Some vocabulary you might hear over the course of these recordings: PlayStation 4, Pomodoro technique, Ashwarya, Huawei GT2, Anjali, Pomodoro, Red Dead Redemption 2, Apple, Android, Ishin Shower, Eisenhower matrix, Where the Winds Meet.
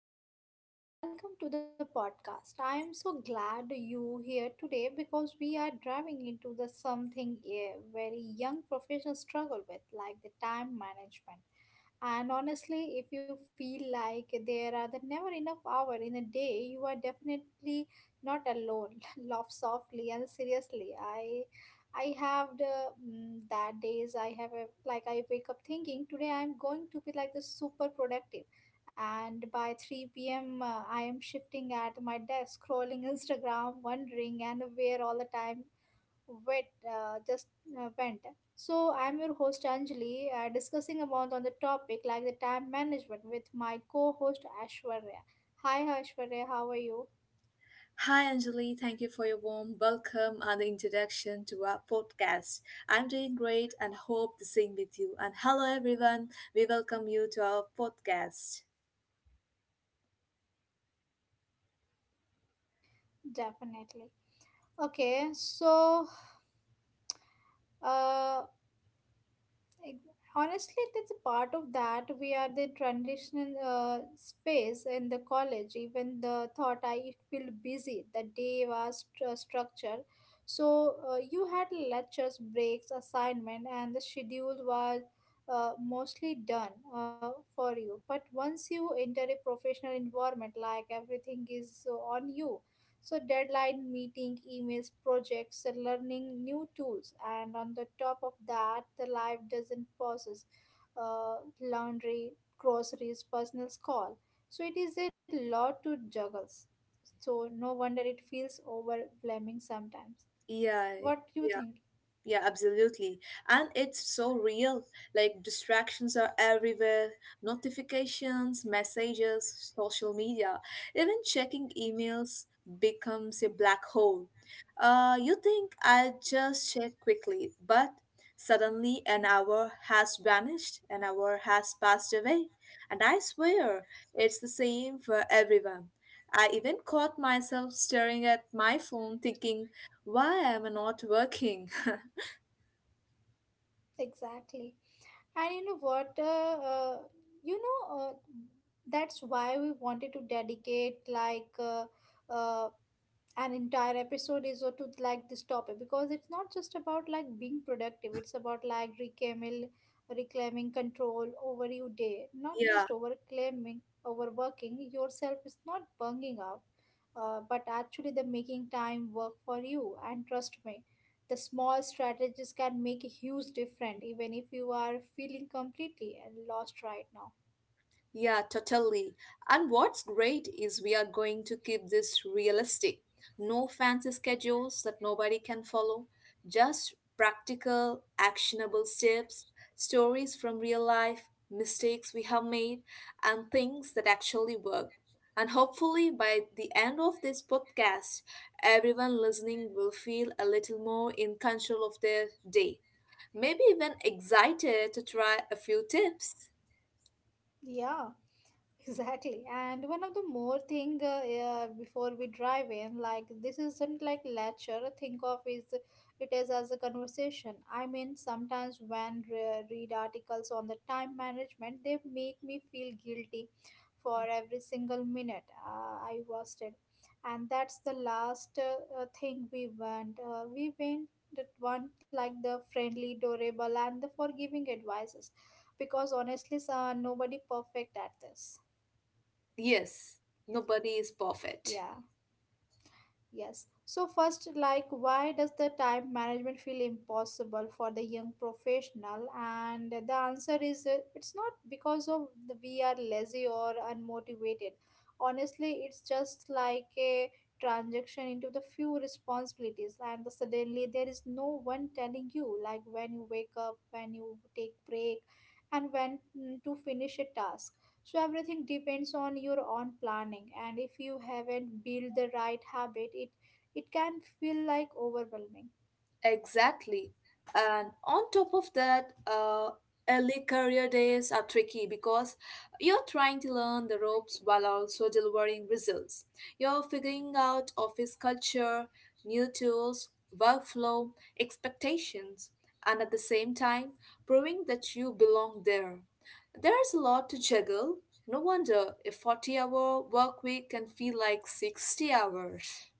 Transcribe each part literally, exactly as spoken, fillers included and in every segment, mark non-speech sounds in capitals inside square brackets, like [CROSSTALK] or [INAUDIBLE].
hello everyone, and welcome to the podcast. I am so glad you here today because we are driving into the something a very young professionals struggle with, like the time management. And honestly, if you feel like there are the never enough hour in a day, you are definitely not alone. [LAUGHS] Laugh softly and seriously. I I have the mm, that days I have a, like I wake up thinking today I'm going to be like the super productive and by three p m uh, I am shifting at my desk, scrolling Instagram, wondering and where all the time wet uh, just uh, went. So I'm your host Anjali, uh, discussing about on the topic like the time management with my co-host Ashwarya. Hi Ashwarya, how are you? Hi, Anjali. Thank you for your warm welcome and the introduction to our podcast. I'm doing great and hope the same with you. And hello, everyone. We welcome you to our podcast. Definitely. Okay, so uh, Ex- honestly, that's a part of that. We are the transitional uh, space in the college. Even the thought I feel busy. The day was stru- structured, so uh, you had lectures, breaks, assignment, and the schedule was uh, mostly done uh, for you. But once you enter a professional environment, like everything is on you, so deadline meeting, emails, projects, and learning new tools, and on the top of that, the life doesn't pauses. Uh, laundry, groceries, personal call. So it is a lot to juggle. So no wonder it feels overwhelming sometimes. Yeah, What do you yeah. think? Yeah, absolutely. And it's so real. Like distractions are everywhere, notifications, messages, social media, even checking emails becomes a black hole. Uh, you think I'll just check quickly, but suddenly an hour has vanished, an hour has passed away. And I swear it's the same for everyone. I even caught myself staring at my phone thinking, why am I not working? [LAUGHS] Exactly. And you know what? Uh, uh, you know uh, that's why we wanted to dedicate like. Uh, uh, an entire episode is to like this topic because it's not just about like being productive, it's about like reclaiming reclaiming control over your day, not Yeah, just overclaiming, overworking yourself is not bunging out, uh, but actually the making time work for you. And trust me, the small strategies can make a huge difference even if you are feeling completely lost right now. yeah, totally. And what's great is we are going to keep this realistic. No fancy schedules that nobody can follow, just practical, actionable steps, stories from real life, mistakes we have made, and things that actually work. And hopefully, by the end of this podcast, everyone listening will feel a little more in control of their day. Maybe even excited to try a few tips. Yeah. Exactly. And one of the more thing, uh, uh, before we drive in, like this isn't like lecture. Think of is it is as a conversation. I mean, sometimes when re- read articles on the time management, they make me feel guilty for every single minute uh, I wasted. And that's the last uh, uh, thing we want. Uh, we went that want like the friendly, durable, and the forgiving advices, because honestly, sir, nobody perfect at this. Yes, nobody is perfect. Yeah, yes. So first, like, why does the time management feel impossible for the young professional? And the answer is, uh, it's not because of the, we are lazy or unmotivated. Honestly, it's just like a transaction into the few responsibilities, and the suddenly there is no one telling you, like, when you wake up, when you take break, and when mm, to finish a task, so everything depends on your own planning, and if you haven't built the right habit, it it can feel like overwhelming. Exactly. And on top of that, uh, early career days are tricky because you're trying to learn the ropes while also delivering results. You're figuring out office culture, new tools, workflow, expectations, and at the same time, proving that you belong there. There's a lot to juggle. No wonder a forty hour work week can feel like sixty hours.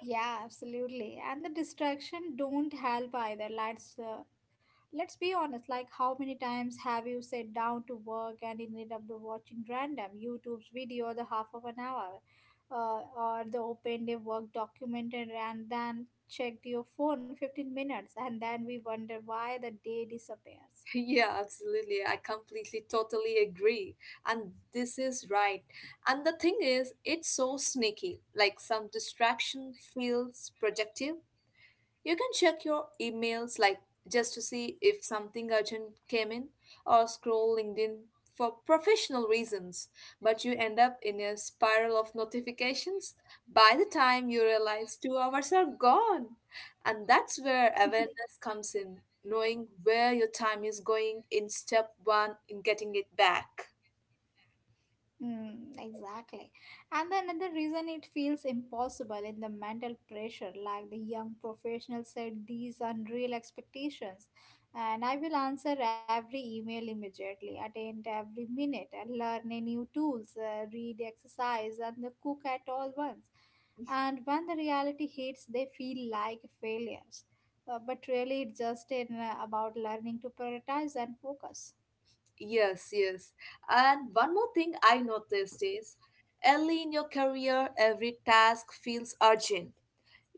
Yeah, absolutely. And the distraction don't help either. Let's uh, let's be honest, like how many times have you sat down to work and ended up the watching random YouTube's video the half of an hour, uh, or the opened a work document and and then checked your phone fifteen minutes and then we wonder why the day disappears. [LAUGHS] Yeah, absolutely. I completely, totally agree. And this is right. And the thing is, it's so sneaky. Like some distraction feels productive, you can check your emails like just to see if something urgent came in or scroll LinkedIn for professional reasons, but you end up in a spiral of notifications by the time you realize two hours are gone. And that's where awareness comes in, knowing where your time is going in step one in getting it back. Mm, exactly. And then another reason it feels impossible in the mental pressure, like the young professional said, these unreal expectations. And I will answer every email immediately, attend every minute, and learn a new tools, uh, read, exercise, and the cook at all once. And when the reality hits, they feel like failures. Uh, but really, it's just in, uh, about learning to prioritize and focus. Yes, yes. And one more thing I noticed is early in your career every task feels urgent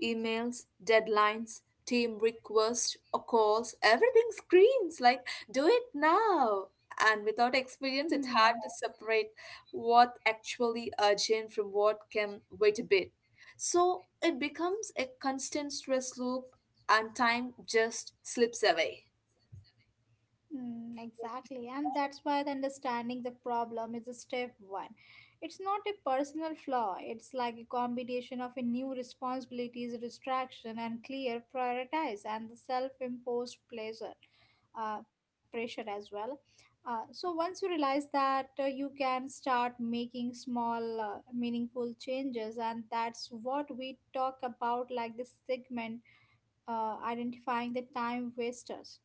emails, deadlines, team requests, or calls, everything screams like, do it now. And without experience, it's hard Hmm. to separate what actually urgent from what can wait a bit. So it becomes a constant stress loop, and time just slips away. Mm, exactly, and that's why the understanding the problem is a step one. It's not a personal flaw, it's like a combination of a new responsibilities, distraction, and clear prioritize, and the self imposed pleasure. Uh, pressure as well. Uh, so, once you realize that, uh, you can start making small, uh, meaningful changes, and that's what we talk about like this segment, uh, identifying the time wasters.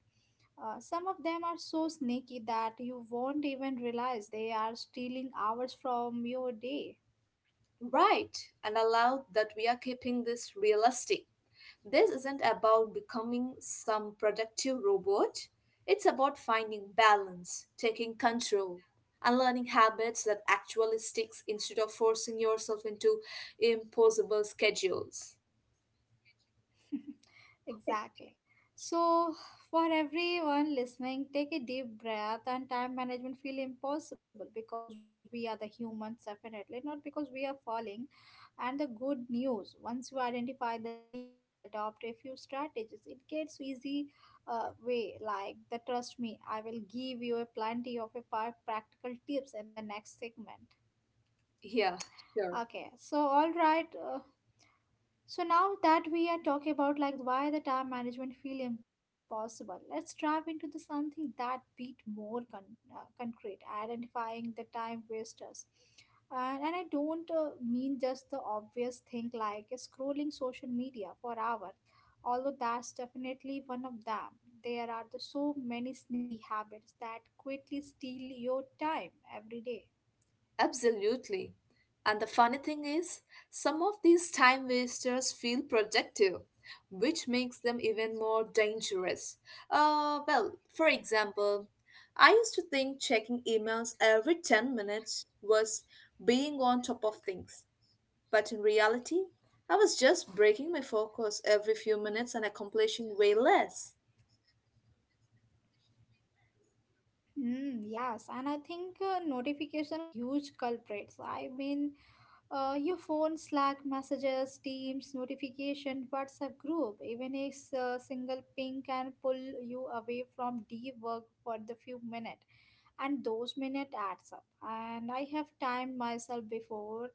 Uh, some of them are so sneaky that you won't even realize they are stealing hours from your day. Right, and allow that we are keeping this realistic. This isn't about becoming some productive robot. It's about finding balance, taking control, and learning habits that actually sticks instead of forcing yourself into impossible schedules. Exactly. So, for everyone listening, take a deep breath and time management feel impossible because we are the humans, definitely, not because we are falling. And the good news, once you identify the leak and adopt a few strategies, it gets easy uh, way. Like the trust me, I will give you a plenty of a five practical tips in the next segment. Yeah, sure. Okay, so all right, uh, so now that we are talking about like why the time management feel impossible, let's dive into the something that beat more con- uh, concrete, identifying the time wasters. And, and I don't uh, mean just the obvious thing like scrolling social media for hours, although that's definitely one of them. There are the so many sneaky habits that quickly steal your time every day. Absolutely. And the funny thing is, some of these time wasters feel productive, which makes them even more dangerous. Uh, well, for example, I used to think checking emails every ten minutes was being on top of things, but in reality, I was just breaking my focus every few minutes and accomplishing way less. Mm, yes, and I think uh, notification are the huge culprits. I mean, Uh, your phone, Slack messages, Teams, notification, WhatsApp group, even a s- uh, single ping can pull you away from deep work for the few minutes, and those minutes adds up. And I have timed myself before.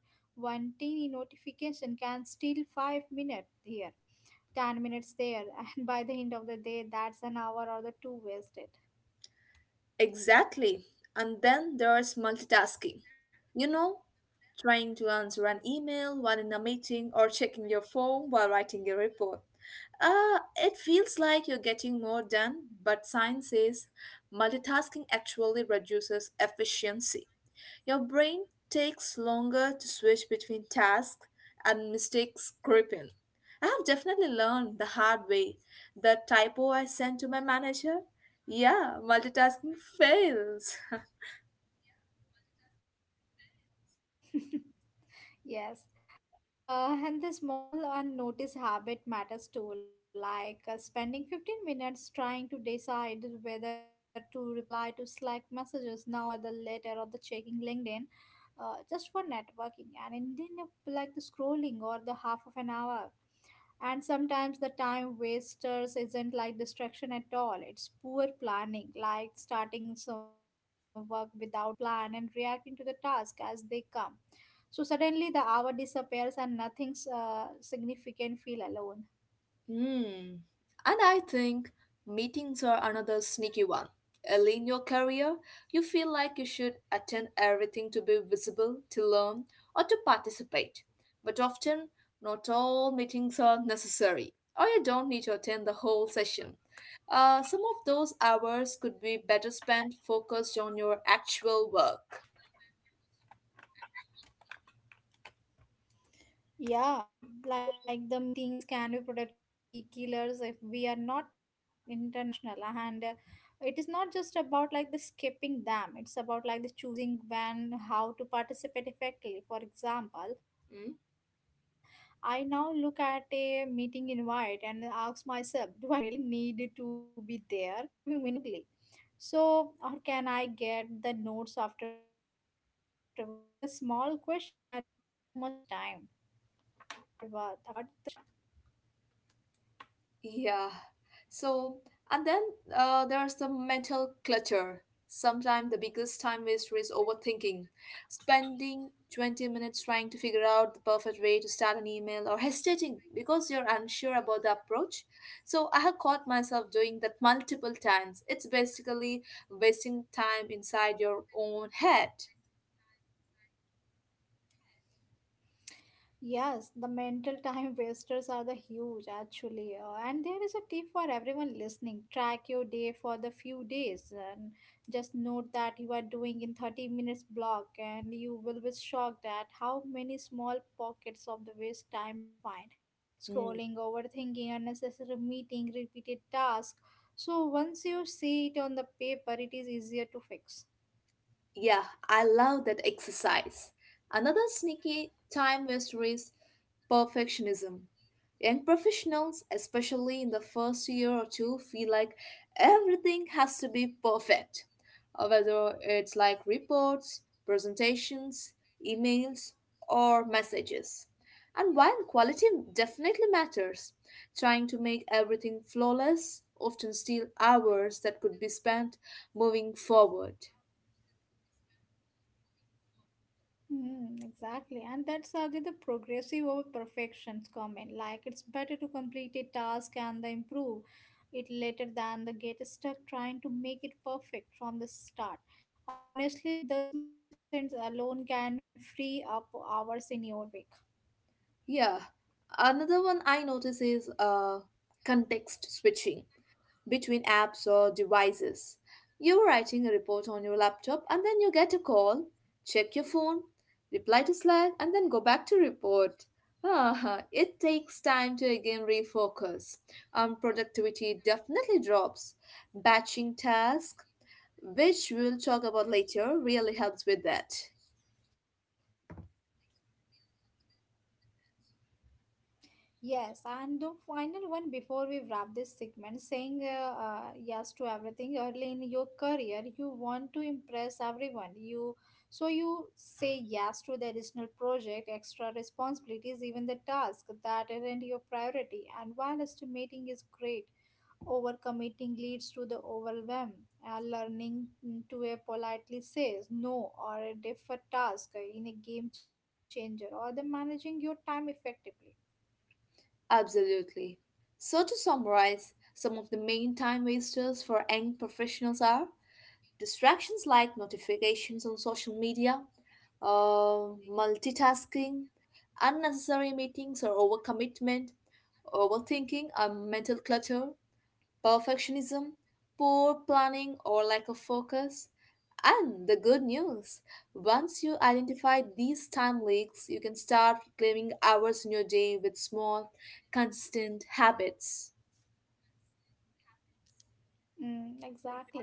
One teeny notification can steal five minutes here, ten minutes there, [LAUGHS] and by the end of the day, that's an hour or the two wasted. Exactly. And then there's multitasking. You know, trying to answer an email while in a meeting or checking your phone while writing a report. Uh, it feels like you're getting more done, but science says multitasking actually reduces efficiency. Your brain takes longer to switch between tasks and mistakes creep in. I have definitely learned the hard way. The typo I sent to my manager? Yeah, multitasking fails. [LAUGHS] [LAUGHS] Yes. Uh, and the small unnoticed habit matters too, like uh, spending fifteen minutes trying to decide whether to reply to Slack messages now or the later, or the checking LinkedIn, uh, just for networking and ending up like the scrolling or the half of an hour. And sometimes the time wasters isn't like distraction at all, it's poor planning, like starting some work without a plan and reacting to the task as they come, so suddenly the hour disappears and nothing uh, significant feel alone. Hmm. And I think meetings are another sneaky one. Early in your career, you feel like you should attend everything to be visible, to learn, or to participate. But often, not all meetings are necessary, or you don't need to attend the whole session. Uh, some of those hours could be better spent focused on your actual work. Yeah, like the meetings can be productivity killers if we are not international. And uh, it is not just about like the skipping them, it's about like the choosing when, how to participate effectively. For example, I Hmm? now look at a meeting invite and ask myself, do I really need to be there, or can I contribute meaningfully? So, or can I get the notes afterward? Afterward, the small question alone saves so much time. Yeah. So, and then uh, there's the mental clutter. Sometimes the biggest time waster is overthinking. Spending twenty minutes trying to figure out the perfect way to start an email or hesitating because you're unsure about the approach. So, I have caught myself doing that multiple times. It's basically wasting time inside your own head. Yes, the mental time [LAUGHS] wasters are the huge actually, uh, and there is a tip for everyone listening. Track your day for the few days, and just note that you are doing in thirty minutes block, and you will be shocked at how many small pockets of the waste time you find. Mm. Scrolling, overthinking, unnecessary meeting, repeated task. So once you see it on the paper, it is easier to fix. Yeah, I love that exercise. Another sneaky time waster is perfectionism. Young professionals, especially in the first year or two, feel like everything has to be perfect. Uh, Whether it's like reports, presentations, emails, or messages. And while quality definitely matters, trying to make everything flawless often steals hours that could be spent moving forward. Mm, exactly, and that's again the progressive over perfections comment. Like it's better to complete a task and then improve it later than the get stuck trying to make it perfect from the start. Honestly, this mindset alone can free up hours in your week. Yeah, another one I notice is uh, context switching between apps or devices. You're writing a report on your laptop and then you get a call, check your phone, reply to Slack, and then go back to report. Ah, it takes time to again refocus. Um, productivity definitely drops. Batching tasks, which we'll talk about later, really helps with that. Yes, and the final one before we wrap this segment, saying uh, uh, yes to everything early in your career, you want to impress everyone. You, so you say yes to the additional project, extra responsibilities, even the task that aren't your priority. And while estimating is great, overcommitting leads to the overwhelm. Uh, learning mm, to a politely says no or a different task in a game changer, or the managing your time effectively. Absolutely. So, to summarize, some of the main time wasters for young professionals are distractions like notifications on social media, uh, multitasking, unnecessary meetings or overcommitment, overthinking or mental clutter, perfectionism, poor planning or lack of focus. And the good news once you identify these time leaks, you can start reclaiming hours in your day with small, consistent habits. Mm, exactly.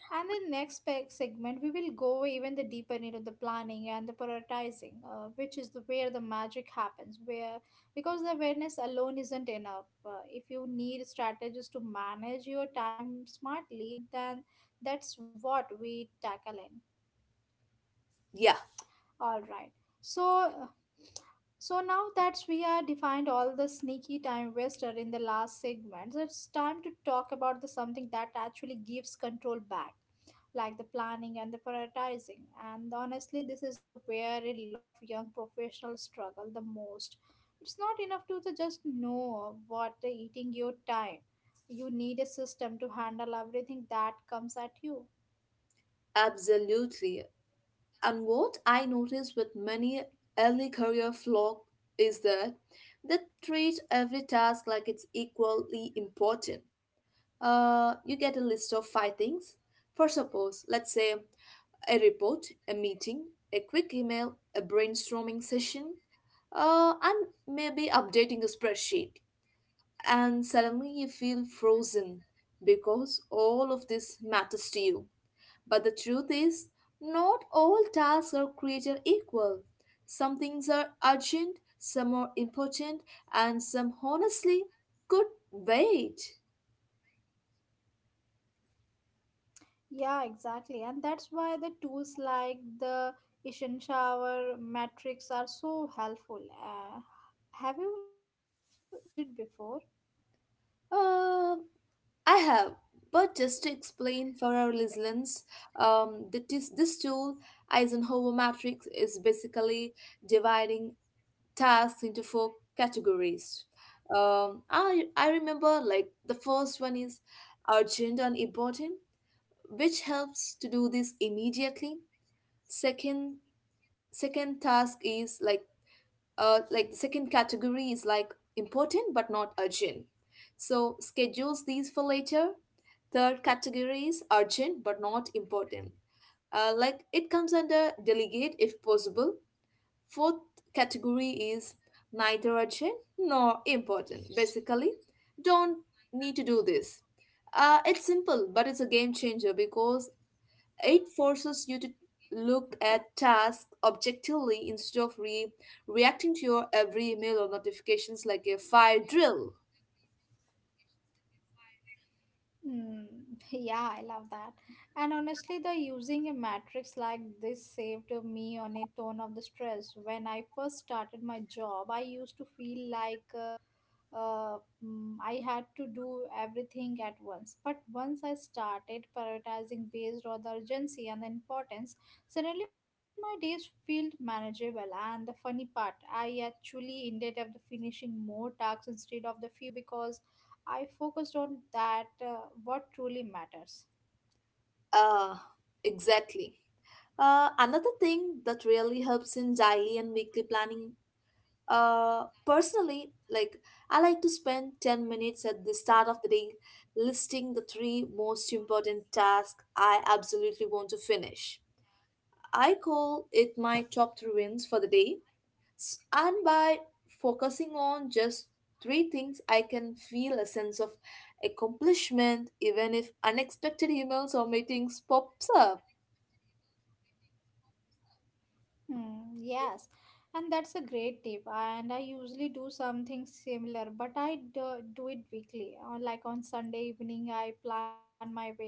And in next pe- segment, we will go even the deeper into the planning and the prioritizing, uh, which is the, where the magic happens. Where, because the awareness alone isn't enough. Uh, if you need strategies to manage your time smartly, and then that's what we tackle in. Yeah, All right. So so now that we are defined all the sneaky time waster in the last segment, it's time to talk about the something that actually gives control back, like the planning and the prioritizing. And honestly, this is the where a lot of young professionals struggle the most. It's not enough to the just know what the eating your time. You need a system to handle everything that comes at you. absolutely. And what I notice with many early career flock is that they treat every task like it's equally important. Uh, you get a list of five things. For suppose, let's say a report, a meeting, a quick email, a brainstorming session, uh, and maybe updating a spreadsheet. And suddenly you feel frozen because all of this matters to you. But the truth is, not all tasks are created equal. Some things are urgent, some are important, and some honestly could wait. Yeah, exactly. And that's why the tools like the Ishin Shower metrics are so helpful. Uh, have you used it before? Uh, I have, but just to explain for our listeners, um, that this, this tool, Eisenhower matrix, is basically dividing tasks into four categories. Um, I, I remember like the first one is urgent and important which helps to do this immediately. Second, second task is like uh like the second category is like important but not urgent. So schedules these for later. Third category is urgent but not important. Uh, like it comes under delegate if possible. Fourth category is neither urgent nor important. Basically, don't need to do this. Uh, it's simple, but it's a game changer because it forces you to look at tasks objectively instead of re- reacting to your every email or notifications like a fire drill. Hmm. [LAUGHS] Yeah, I love that. And honestly, the using a matrix like this saved me on a ton of the stress. When I first started my job, I used to feel like uh, uh, mm, I had to do everything at once. But once I started prioritizing based on the urgency and the importance, suddenly my days felt manageable. And the funny part, I actually ended up finishing more tasks instead of the fewer because I focused on that uh, what truly matters. Uh, exactly. Uh, another thing that really helps in daily and weekly planning, uh, personally, like I like to spend ten minutes at the start of the day listing the three most important tasks I absolutely want to finish. I call it my top three wins for the day S- and by focusing on just three things, I can feel a sense of accomplishment even if unexpected emails or meetings pops up. Hmm, yes, and that's a great tip. And I usually do something similar, but I do, do it weekly. Uh, Like on Sunday evening, I plan my week,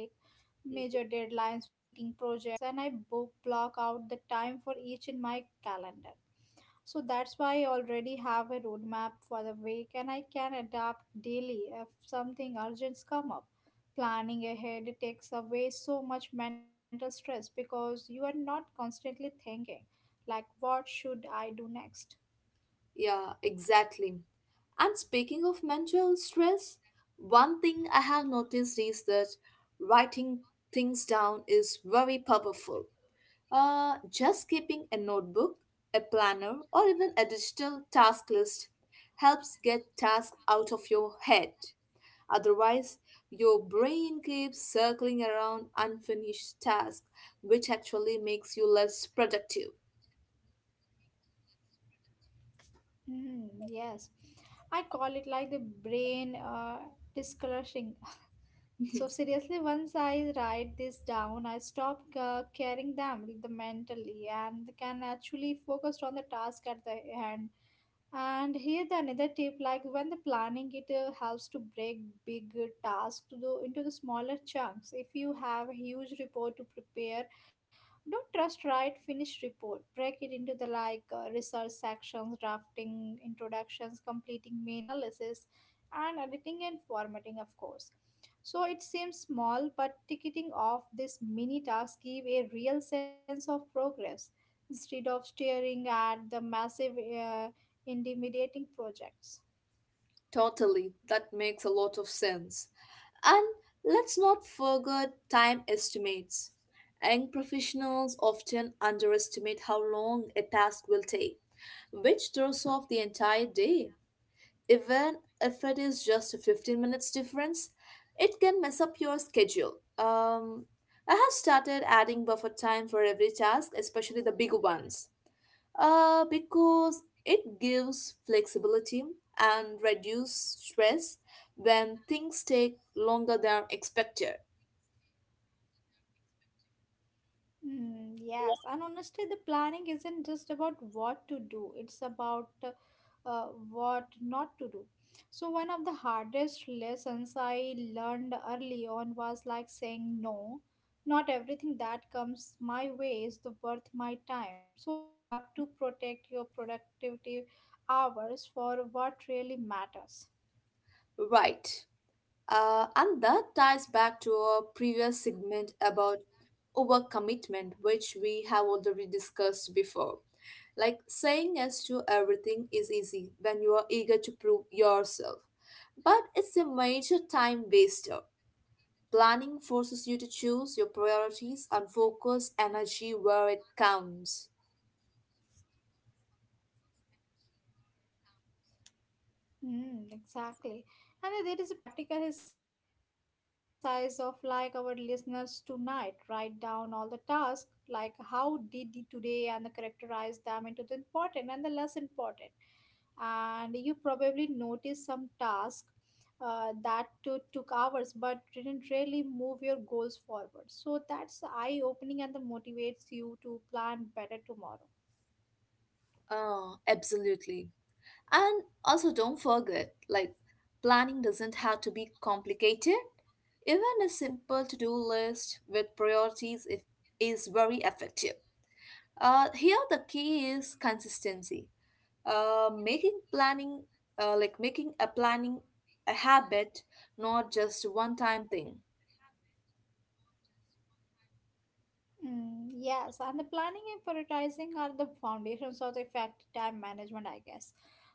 major Mm, deadlines, meeting projects, and I book block out the time for each in my calendar. So that's why I already have a roadmap for the week, and I can adapt daily if something urgent come up. Planning ahead takes away so much mental stress because you are not constantly thinking. Like, what should I do next? yeah, exactly. And speaking of mental stress, one thing I have noticed is that writing things down is very powerful. Uh, just keeping a notebook, a planner, or even a digital task list helps get tasks out of your head. Otherwise, your brain keeps circling around unfinished tasks, which actually makes you less productive. Hmm, yes. I call it like the brain uh, discoloring. So, [LAUGHS] seriously, once I write this down, I stop uh, carrying them the mentally and can actually focus on the task at the hand. And here the another tip, like when the planning, it uh, helps to break big tasks to the, into the smaller chunks. If you have a huge report to prepare, don't just write finished report. Break it into the like uh, research sections, drafting introductions, completing main analysis, and editing and formatting, of course. So it seems small, but ticking off this mini task give a real sense of progress instead of staring at the massive, uh, intimidating projects. Totally, that makes a lot of sense. And let's not forget time estimates. Young professionals often underestimate how long a task will take, which throws off the entire day. Even if it is just a fifteen minutes difference, it can mess up your schedule. Um, I have started adding buffer time for every task, especially the big ones. Uh, because it gives flexibility and reduce stress when things take longer than expected. Mm, yes, and honestly, the planning isn't just about what to do, it's about uh, uh, what not to do. So, one of the hardest lessons I learned early on was like saying no. Not everything that comes my way is the worth my time. So, you have to protect your productivity hours for what really matters. Right. Uh, and that ties back to our previous segment about overcommitment, which we have already discussed before. Like saying yes to everything is easy when you are eager to prove yourself, but it's a major time waster. Planning forces you to choose your priorities and focus energy where it counts. Mm, exactly. And there is a practical exercise of like our listeners tonight write down all the tasks, like how did you today and the characterize them into the important and the less important. And you probably noticed some task uh, that to, took hours but didn't really move your goals forward. So that's eye opening and the motivates you to plan better tomorrow. Oh, absolutely. And also, don't forget like, planning doesn't have to be complicated. Even a simple to do list with priorities if, is very effective. Uh, here, the key is consistency. Uh, making planning, uh, like making a planning a habit, not just one time thing. Mm, yes, and the planning and prioritizing are the foundations of the effective time management, I guess.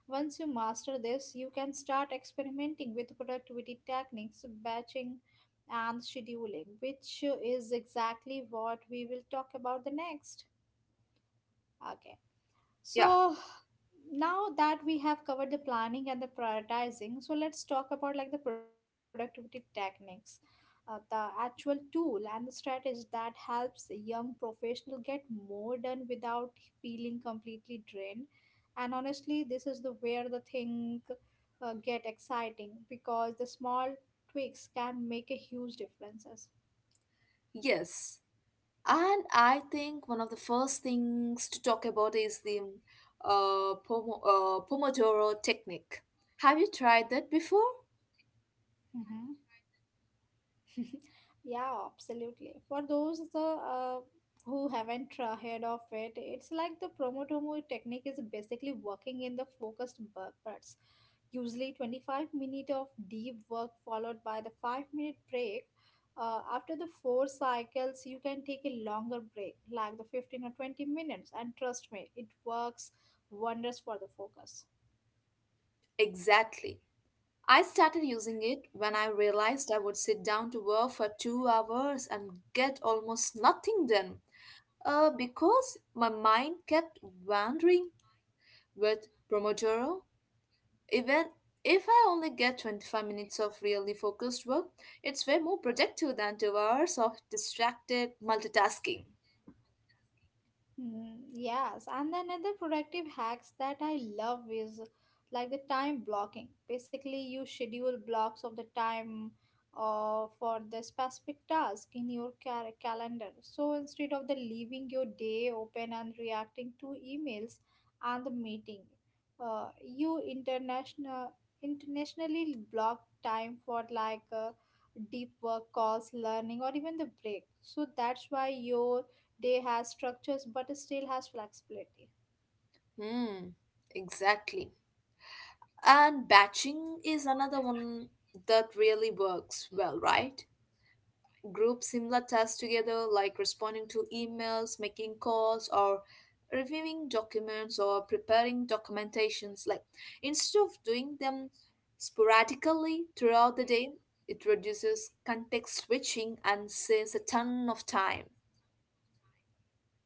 Once you master this, you can start experimenting with productivity techniques, batching, and scheduling, which is exactly what we will talk about the next. Okay, Yeah, so now that we have covered the planning and the prioritizing so let's talk about like the productivity techniques uh, the actual tool and the strategy that helps a young professional get more done without feeling completely drained and honestly this is the where the thing uh, get exciting because the small tweaks can make a huge differences. yes. And I think one of the first things to talk about is the uh, pomo- uh, Pomodoro technique. Have you tried that before? Mm-hmm. [LAUGHS] Yeah, absolutely. For those the uh, who haven't uh, heard of it, it's like the Promotomo technique is basically working in the focused bu- bursts. Usually twenty-five minute of deep work followed by the five minute break. Uh, after the four cycles, you can take a longer break, like the fifteen or twenty minutes, and trust me, it works wonders for the focus. Exactly. I started using it when I realized I would sit down to work for two hours and get almost nothing done uh, because my mind kept wandering with Pomodoro. Even if I only get twenty-five minutes of really focused work, it's way more productive than two hours of distracted multitasking. Mm, yes, and then other productive hacks that I love is like the time blocking. Basically, you schedule blocks of the time uh, for the specific task in your cal- calendar. So instead of the leaving your day open and reacting to emails and the meeting, uh, you international internationally block time for like uh, deep work calls, learning, or even the break. So that's why your they has structures but still has flexibility. Hmm, exactly. And batching is another one that really works well, right? Group similar tasks together, like responding to emails, making calls, or reviewing documents or preparing documentations. Like instead of doing them sporadically throughout the day, it reduces context switching and saves a ton of time.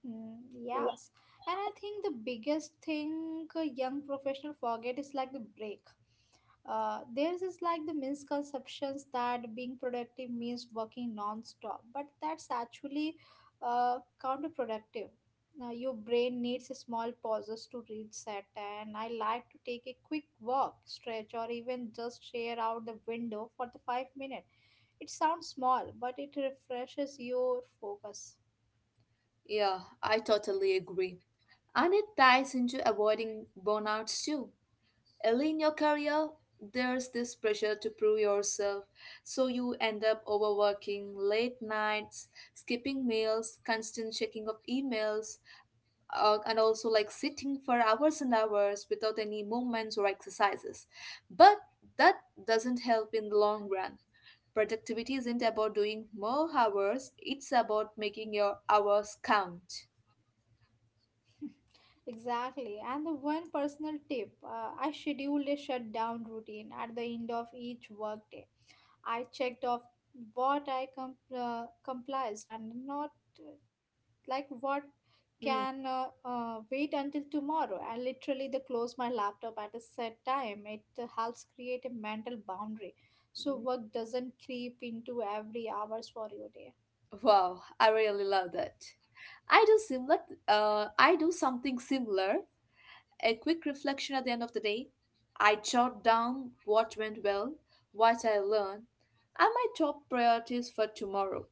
Mm, yes. And I think the biggest thing a young professional forget is like the break. Uh, theirs is like the misconceptions that being productive means working non-stop, but that's actually uh, counterproductive. Now, your brain needs a small pauses to reset, and I like to take a quick walk, stretch, or even just share out the window for the five minutes. It sounds small, but it refreshes your focus. Yeah, I totally agree. And it ties into avoiding burnouts too. And in your career, there's this pressure to prove yourself, so you end up overworking, late nights, skipping meals, constant checking of emails, uh, and also like sitting for hours and hours without any movements or exercises. But that doesn't help in the long run. Productivity isn't about doing more hours, it's about making your hours count. Exactly. And the one personal tip uh, I scheduled a shutdown routine at the end of each workday. I checked off what I com- uh, comprised and not uh, like what Hmm. can uh, uh, wait until tomorrow. I literally the close my laptop at a set time. It uh, helps create a mental boundary so work doesn't creep into every hours for your day. Wow, I really love that. I do similar. Uh, I do something similar. A quick reflection at the end of the day. I jot down what went well, what I learned, and my top priorities for tomorrow.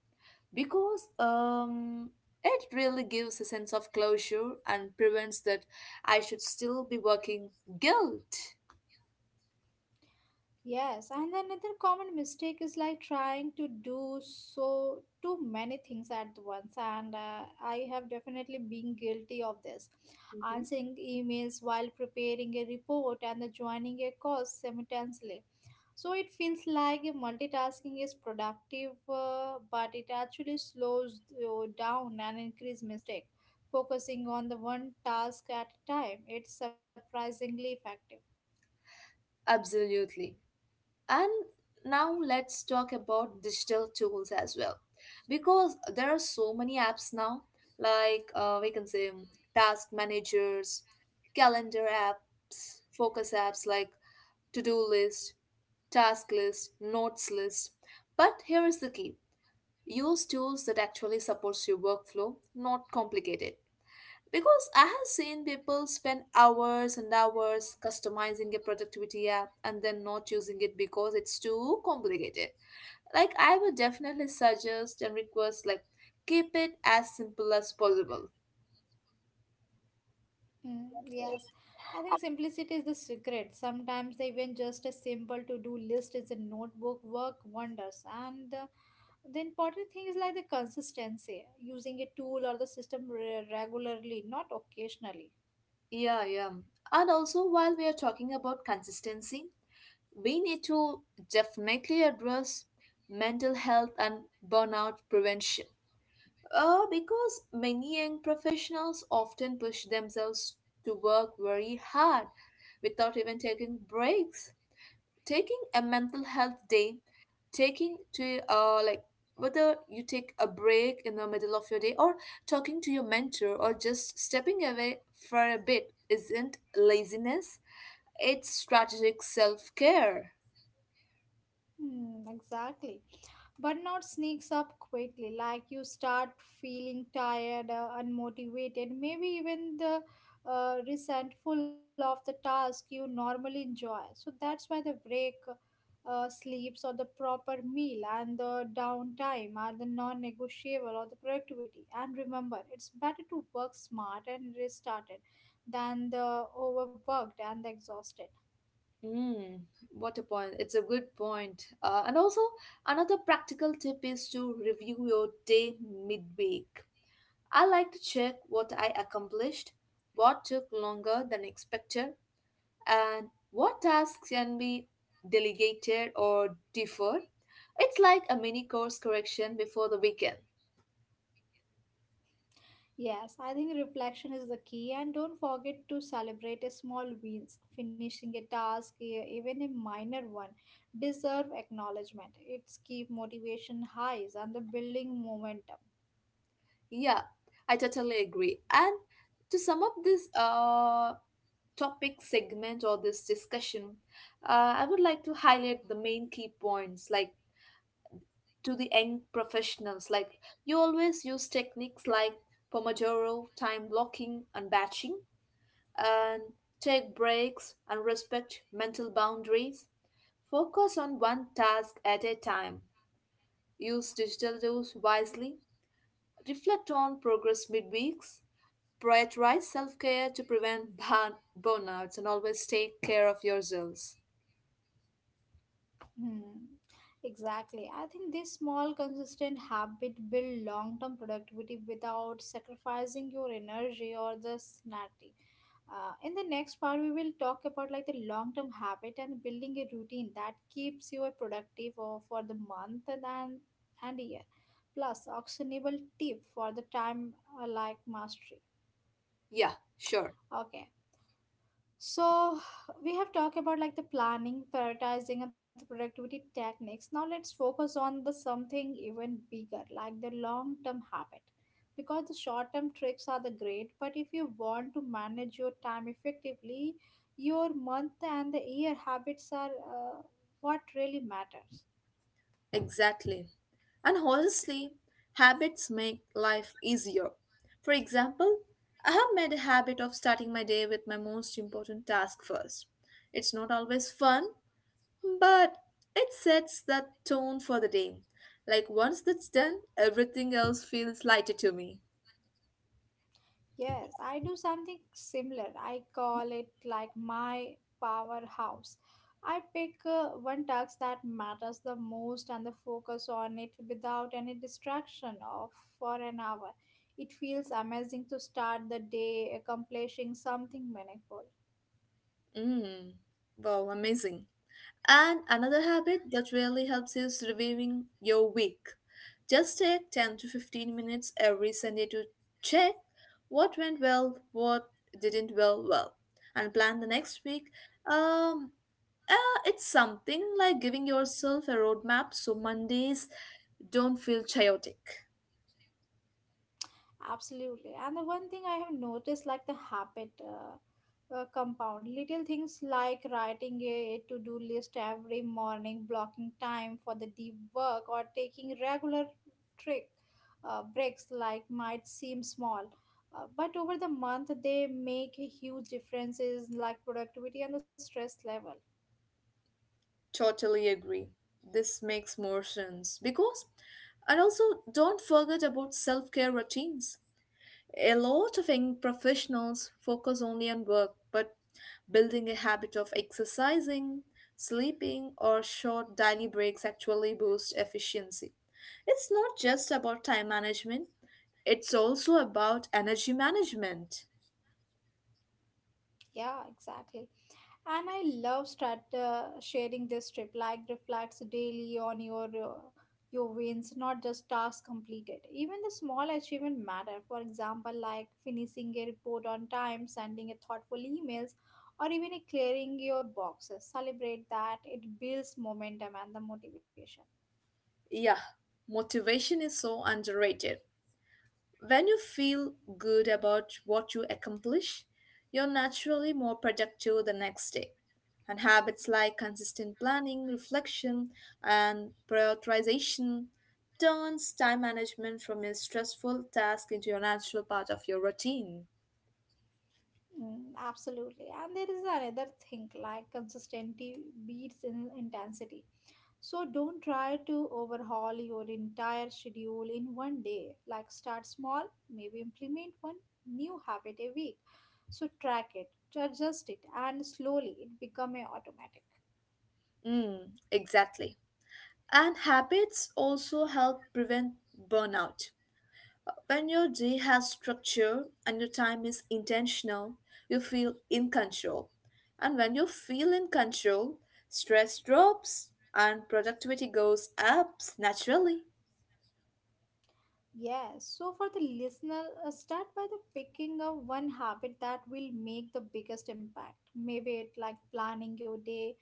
Because um, it really gives a sense of closure and prevents that I should still be working guilt. Yes, and another common mistake is like trying to do so too many things at once, and uh, I have definitely been guilty of this. Mhm. Answering emails while preparing a report and joining a course simultaneously. So it feels like multitasking is productive, uh, but it actually slows you down and increase mistake. Focusing on the one task at a time, it's surprisingly effective. Absolutely. And now let's talk about digital tools as well, because there are so many apps now, like uh, we can say um, task managers, calendar apps, focus apps like to do list, task list, notes list. But here is the key, use tools that actually supports your workflow, not complicated. Because I have seen people spend hours and hours customizing a productivity app and then not using it because it's too complicated. Like, I would definitely suggest and request, like, keep it as simple as possible. Mm, yes, I think simplicity is the secret. Sometimes even just a simple to-do list is a notebook work wonders. And the, the important thing is like the consistency, using a tool or the system re- regularly, not occasionally. Yeah, yeah. And also, while we are talking about consistency, we need to definitely address mental health and burnout prevention. Uh, because many young professionals often push themselves to work very hard without even taking breaks. Taking a mental health day, taking to uh like whether you take a break in the middle of your day or talking to your mentor or just stepping away for a bit isn't laziness, it's strategic self-care. Hmm, exactly. Burnout sneaks up quickly, like you start feeling tired, uh, unmotivated, maybe even the uh, resentful of the task you normally enjoy. So that's why the break, uh, sleeps, or the proper meal and the downtime are the non negotiable or the productivity. And remember, it's better to work smart and restarted than the overworked and the exhausted. Mm, what a point. It's a good point. Uh, and also, another practical tip is to review your day midweek. I like to check what I accomplished, what took longer than expected, and what tasks can be delegated or deferred. It's like a mini course correction before the weekend. Yes, I think reflection is the key, and don't forget to celebrate a small wins. Finishing a task, e- even a minor one, deserve acknowledgement. It's keep motivation highs and the building momentum. Yeah, I totally agree. And to sum up this uh, topic segment or this discussion, uh, I would like to highlight the main key points like to the young professionals. Like you always use techniques like Pomodoro, time blocking and batching, and take breaks and respect mental boundaries. Focus on one task at a time. Use digital tools wisely. Reflect on progress midweeks. Prioritize self care to prevent [LAUGHS] burn- burnouts and always take care of yourselves. Hmm, exactly. I think this small, consistent habit build long term productivity without sacrificing your energy or the sanity. Uh, in the next part, we will talk about like the long term habit and building a routine that keeps you a productive uh, for the month and then- and year. Plus, actionable tip for the time uh, like mastery. Yeah, sure. Okay, so we have talked about like the planning, prioritizing, and the productivity techniques. Now let's focus on the something even bigger, like the long-term habit. Because the short-term tricks are the great, but if you want to manage your time effectively, your month and the year habits are uh, what really matters. Exactly. And honestly, habits make life easier. For example, I have made a habit of starting my day with my most important task first. It's not always fun, but it sets that tone for the day. Like once that's done, everything else feels lighter to me. Yes, I do something similar. I call it like my powerhouse. I pick uh, one task that matters the most and the focus on it without any distraction of for an hour. It feels amazing to start the day accomplishing something meaningful. Mm, wow, amazing. And another habit that really helps is reviewing your week. Just take ten to fifteen minutes every Sunday to check what went well, what didn't well, well, and plan the next week. Um, uh, it's something like giving yourself a roadmap so Mondays don't feel chaotic. Absolutely. And the one thing I have noticed, like the habit uh, uh, compound, little things like writing a to do list every morning, blocking time for the deep work, or taking regular trick uh, breaks, like might seem small. Uh, but over the month, they make a huge differences like productivity and the stress level. Totally agree. This makes more sense because, and also don't forget about self care routines. A lot of young professionals focus only on work, but building a habit of exercising, sleeping, or short daily breaks actually boosts efficiency. It's not just about time management, it's also about energy management. Yeah, exactly. And I love start uh, sharing this trip. Like reflects daily on your uh, your wins, not just tasks completed. Even the small achievement matter. For example, like finishing a report on time, sending a thoughtful emails, or even a clearing your boxes. Celebrate that. It builds momentum and the motivation. Yeah, motivation is so underrated. When you feel good about what you accomplish, you're naturally more productive the next day. And habits like consistent planning, reflection, and prioritization turns time management from a stressful task into a natural part of your routine. Mm, absolutely. And there is another thing like consistency beats in intensity. So don't try to overhaul your entire schedule in one day. Like start small, maybe implement one new habit a week. So track it, adjust it, and slowly it become a automatic. Mm, exactly. And habits also help prevent burnout. When your day has structure and your time is intentional, you feel in control. And when you feel in control, stress drops and productivity goes up naturally. Yes, so for the listener, uh, start by the picking up one habit that will make the biggest impact. Maybe it like planning your day,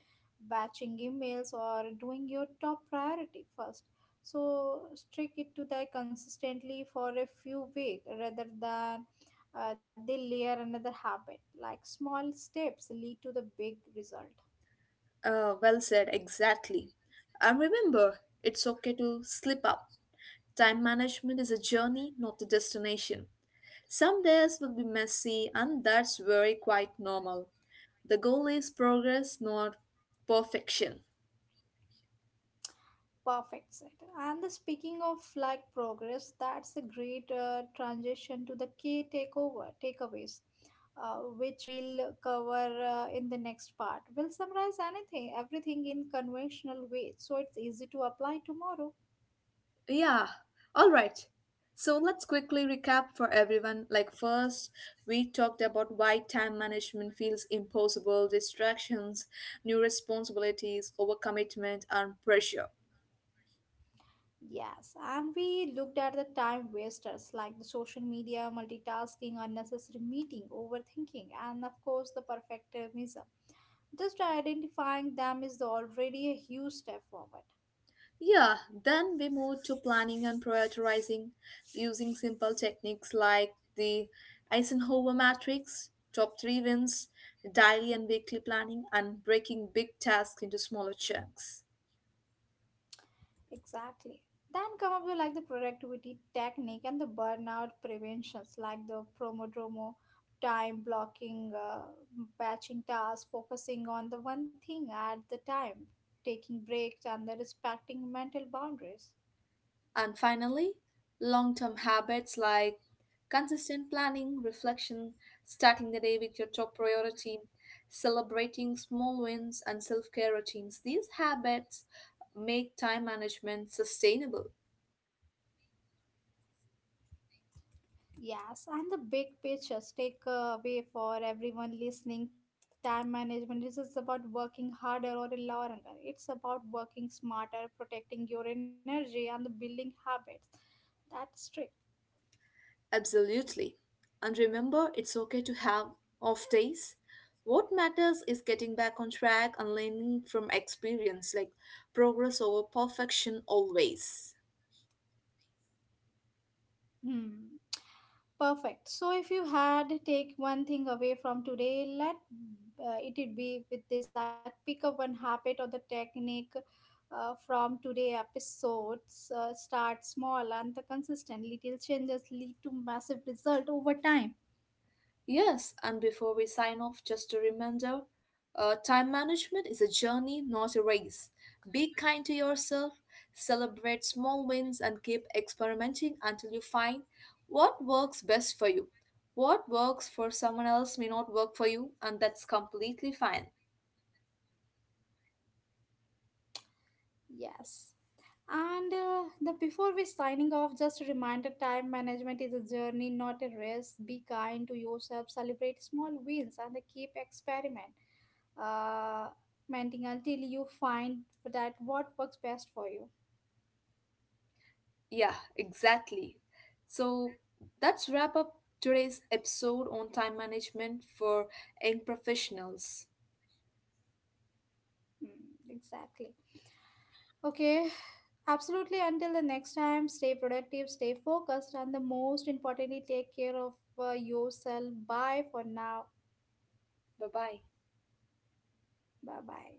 batching emails, or doing your top priority first. So stick it to that consistently for a few weeks rather than uh, they layer another habit. Like small steps lead to the big result. Uh, well said, exactly. And remember, it's okay to slip up. Time management is a journey, not a destination. Some days will be messy, and that's very quite normal. The goal is progress, not perfection. Perfect set. And the speaking of like progress, that's a great uh, transition to the key takeover takeaways, uh, which we'll cover uh, in the next part. We'll summarize anything, everything in conventional way, so it's easy to apply tomorrow. Yeah, all right. So let's quickly recap for everyone. Like, first, we talked about why time management feels impossible, distractions, new responsibilities, overcommitment, and pressure. Yes, and we looked at the time wasters like the social media, multitasking, unnecessary meeting, overthinking, and of course the perfectionism. Just identifying them is already a huge step forward. Yeah, then we moved to planning and prioritizing using simple techniques like the Eisenhower matrix, top three wins, daily and weekly planning, and breaking big tasks into smaller chunks. Exactly. Then come up with like the productivity technique and the burnout preventions, like the Pomodoro, time blocking, uh, batching tasks, focusing on the one thing at the time, taking breaks, and the respecting mental boundaries. And finally, long term habits like consistent planning, reflection, starting the day with your top priority, celebrating small wins, and self care routines. These habits make time management sustainable. Yes, and the big pictures take away for everyone listening. Time management is just about working harder or longer. It's about working smarter, protecting your energy, and the building habits. That's trick. Absolutely. And remember, it's okay to have off days. What matters is getting back on track and learning from experience, like progress over perfection always. Hmm. Perfect. So, if you had to take one thing away from today, let uh, it would be with this like pick up one habit or the technique uh, from today episodes. Uh, start small and the consistent little changes lead to massive result over time. Yes, and before we sign off, just a reminder, uh, time management is a journey, not a race. Be kind to yourself, celebrate small wins, and keep experimenting until you find what works best for you. What works for someone else may not work for you, and that's completely fine. Yes. And uh, the before we signing off, just a reminder: time management is a journey, not a race. Be kind to yourself. Celebrate small wins and keep experiment, uh, menting until you find that what works best for you. Yeah, exactly. So that's wrap up today's episode on time management for young professionals. Hmm, exactly. Okay. Absolutely. Until the next time, stay productive, stay focused, and the most importantly, take care of uh, yourself. Bye for now. Bye bye. Bye bye.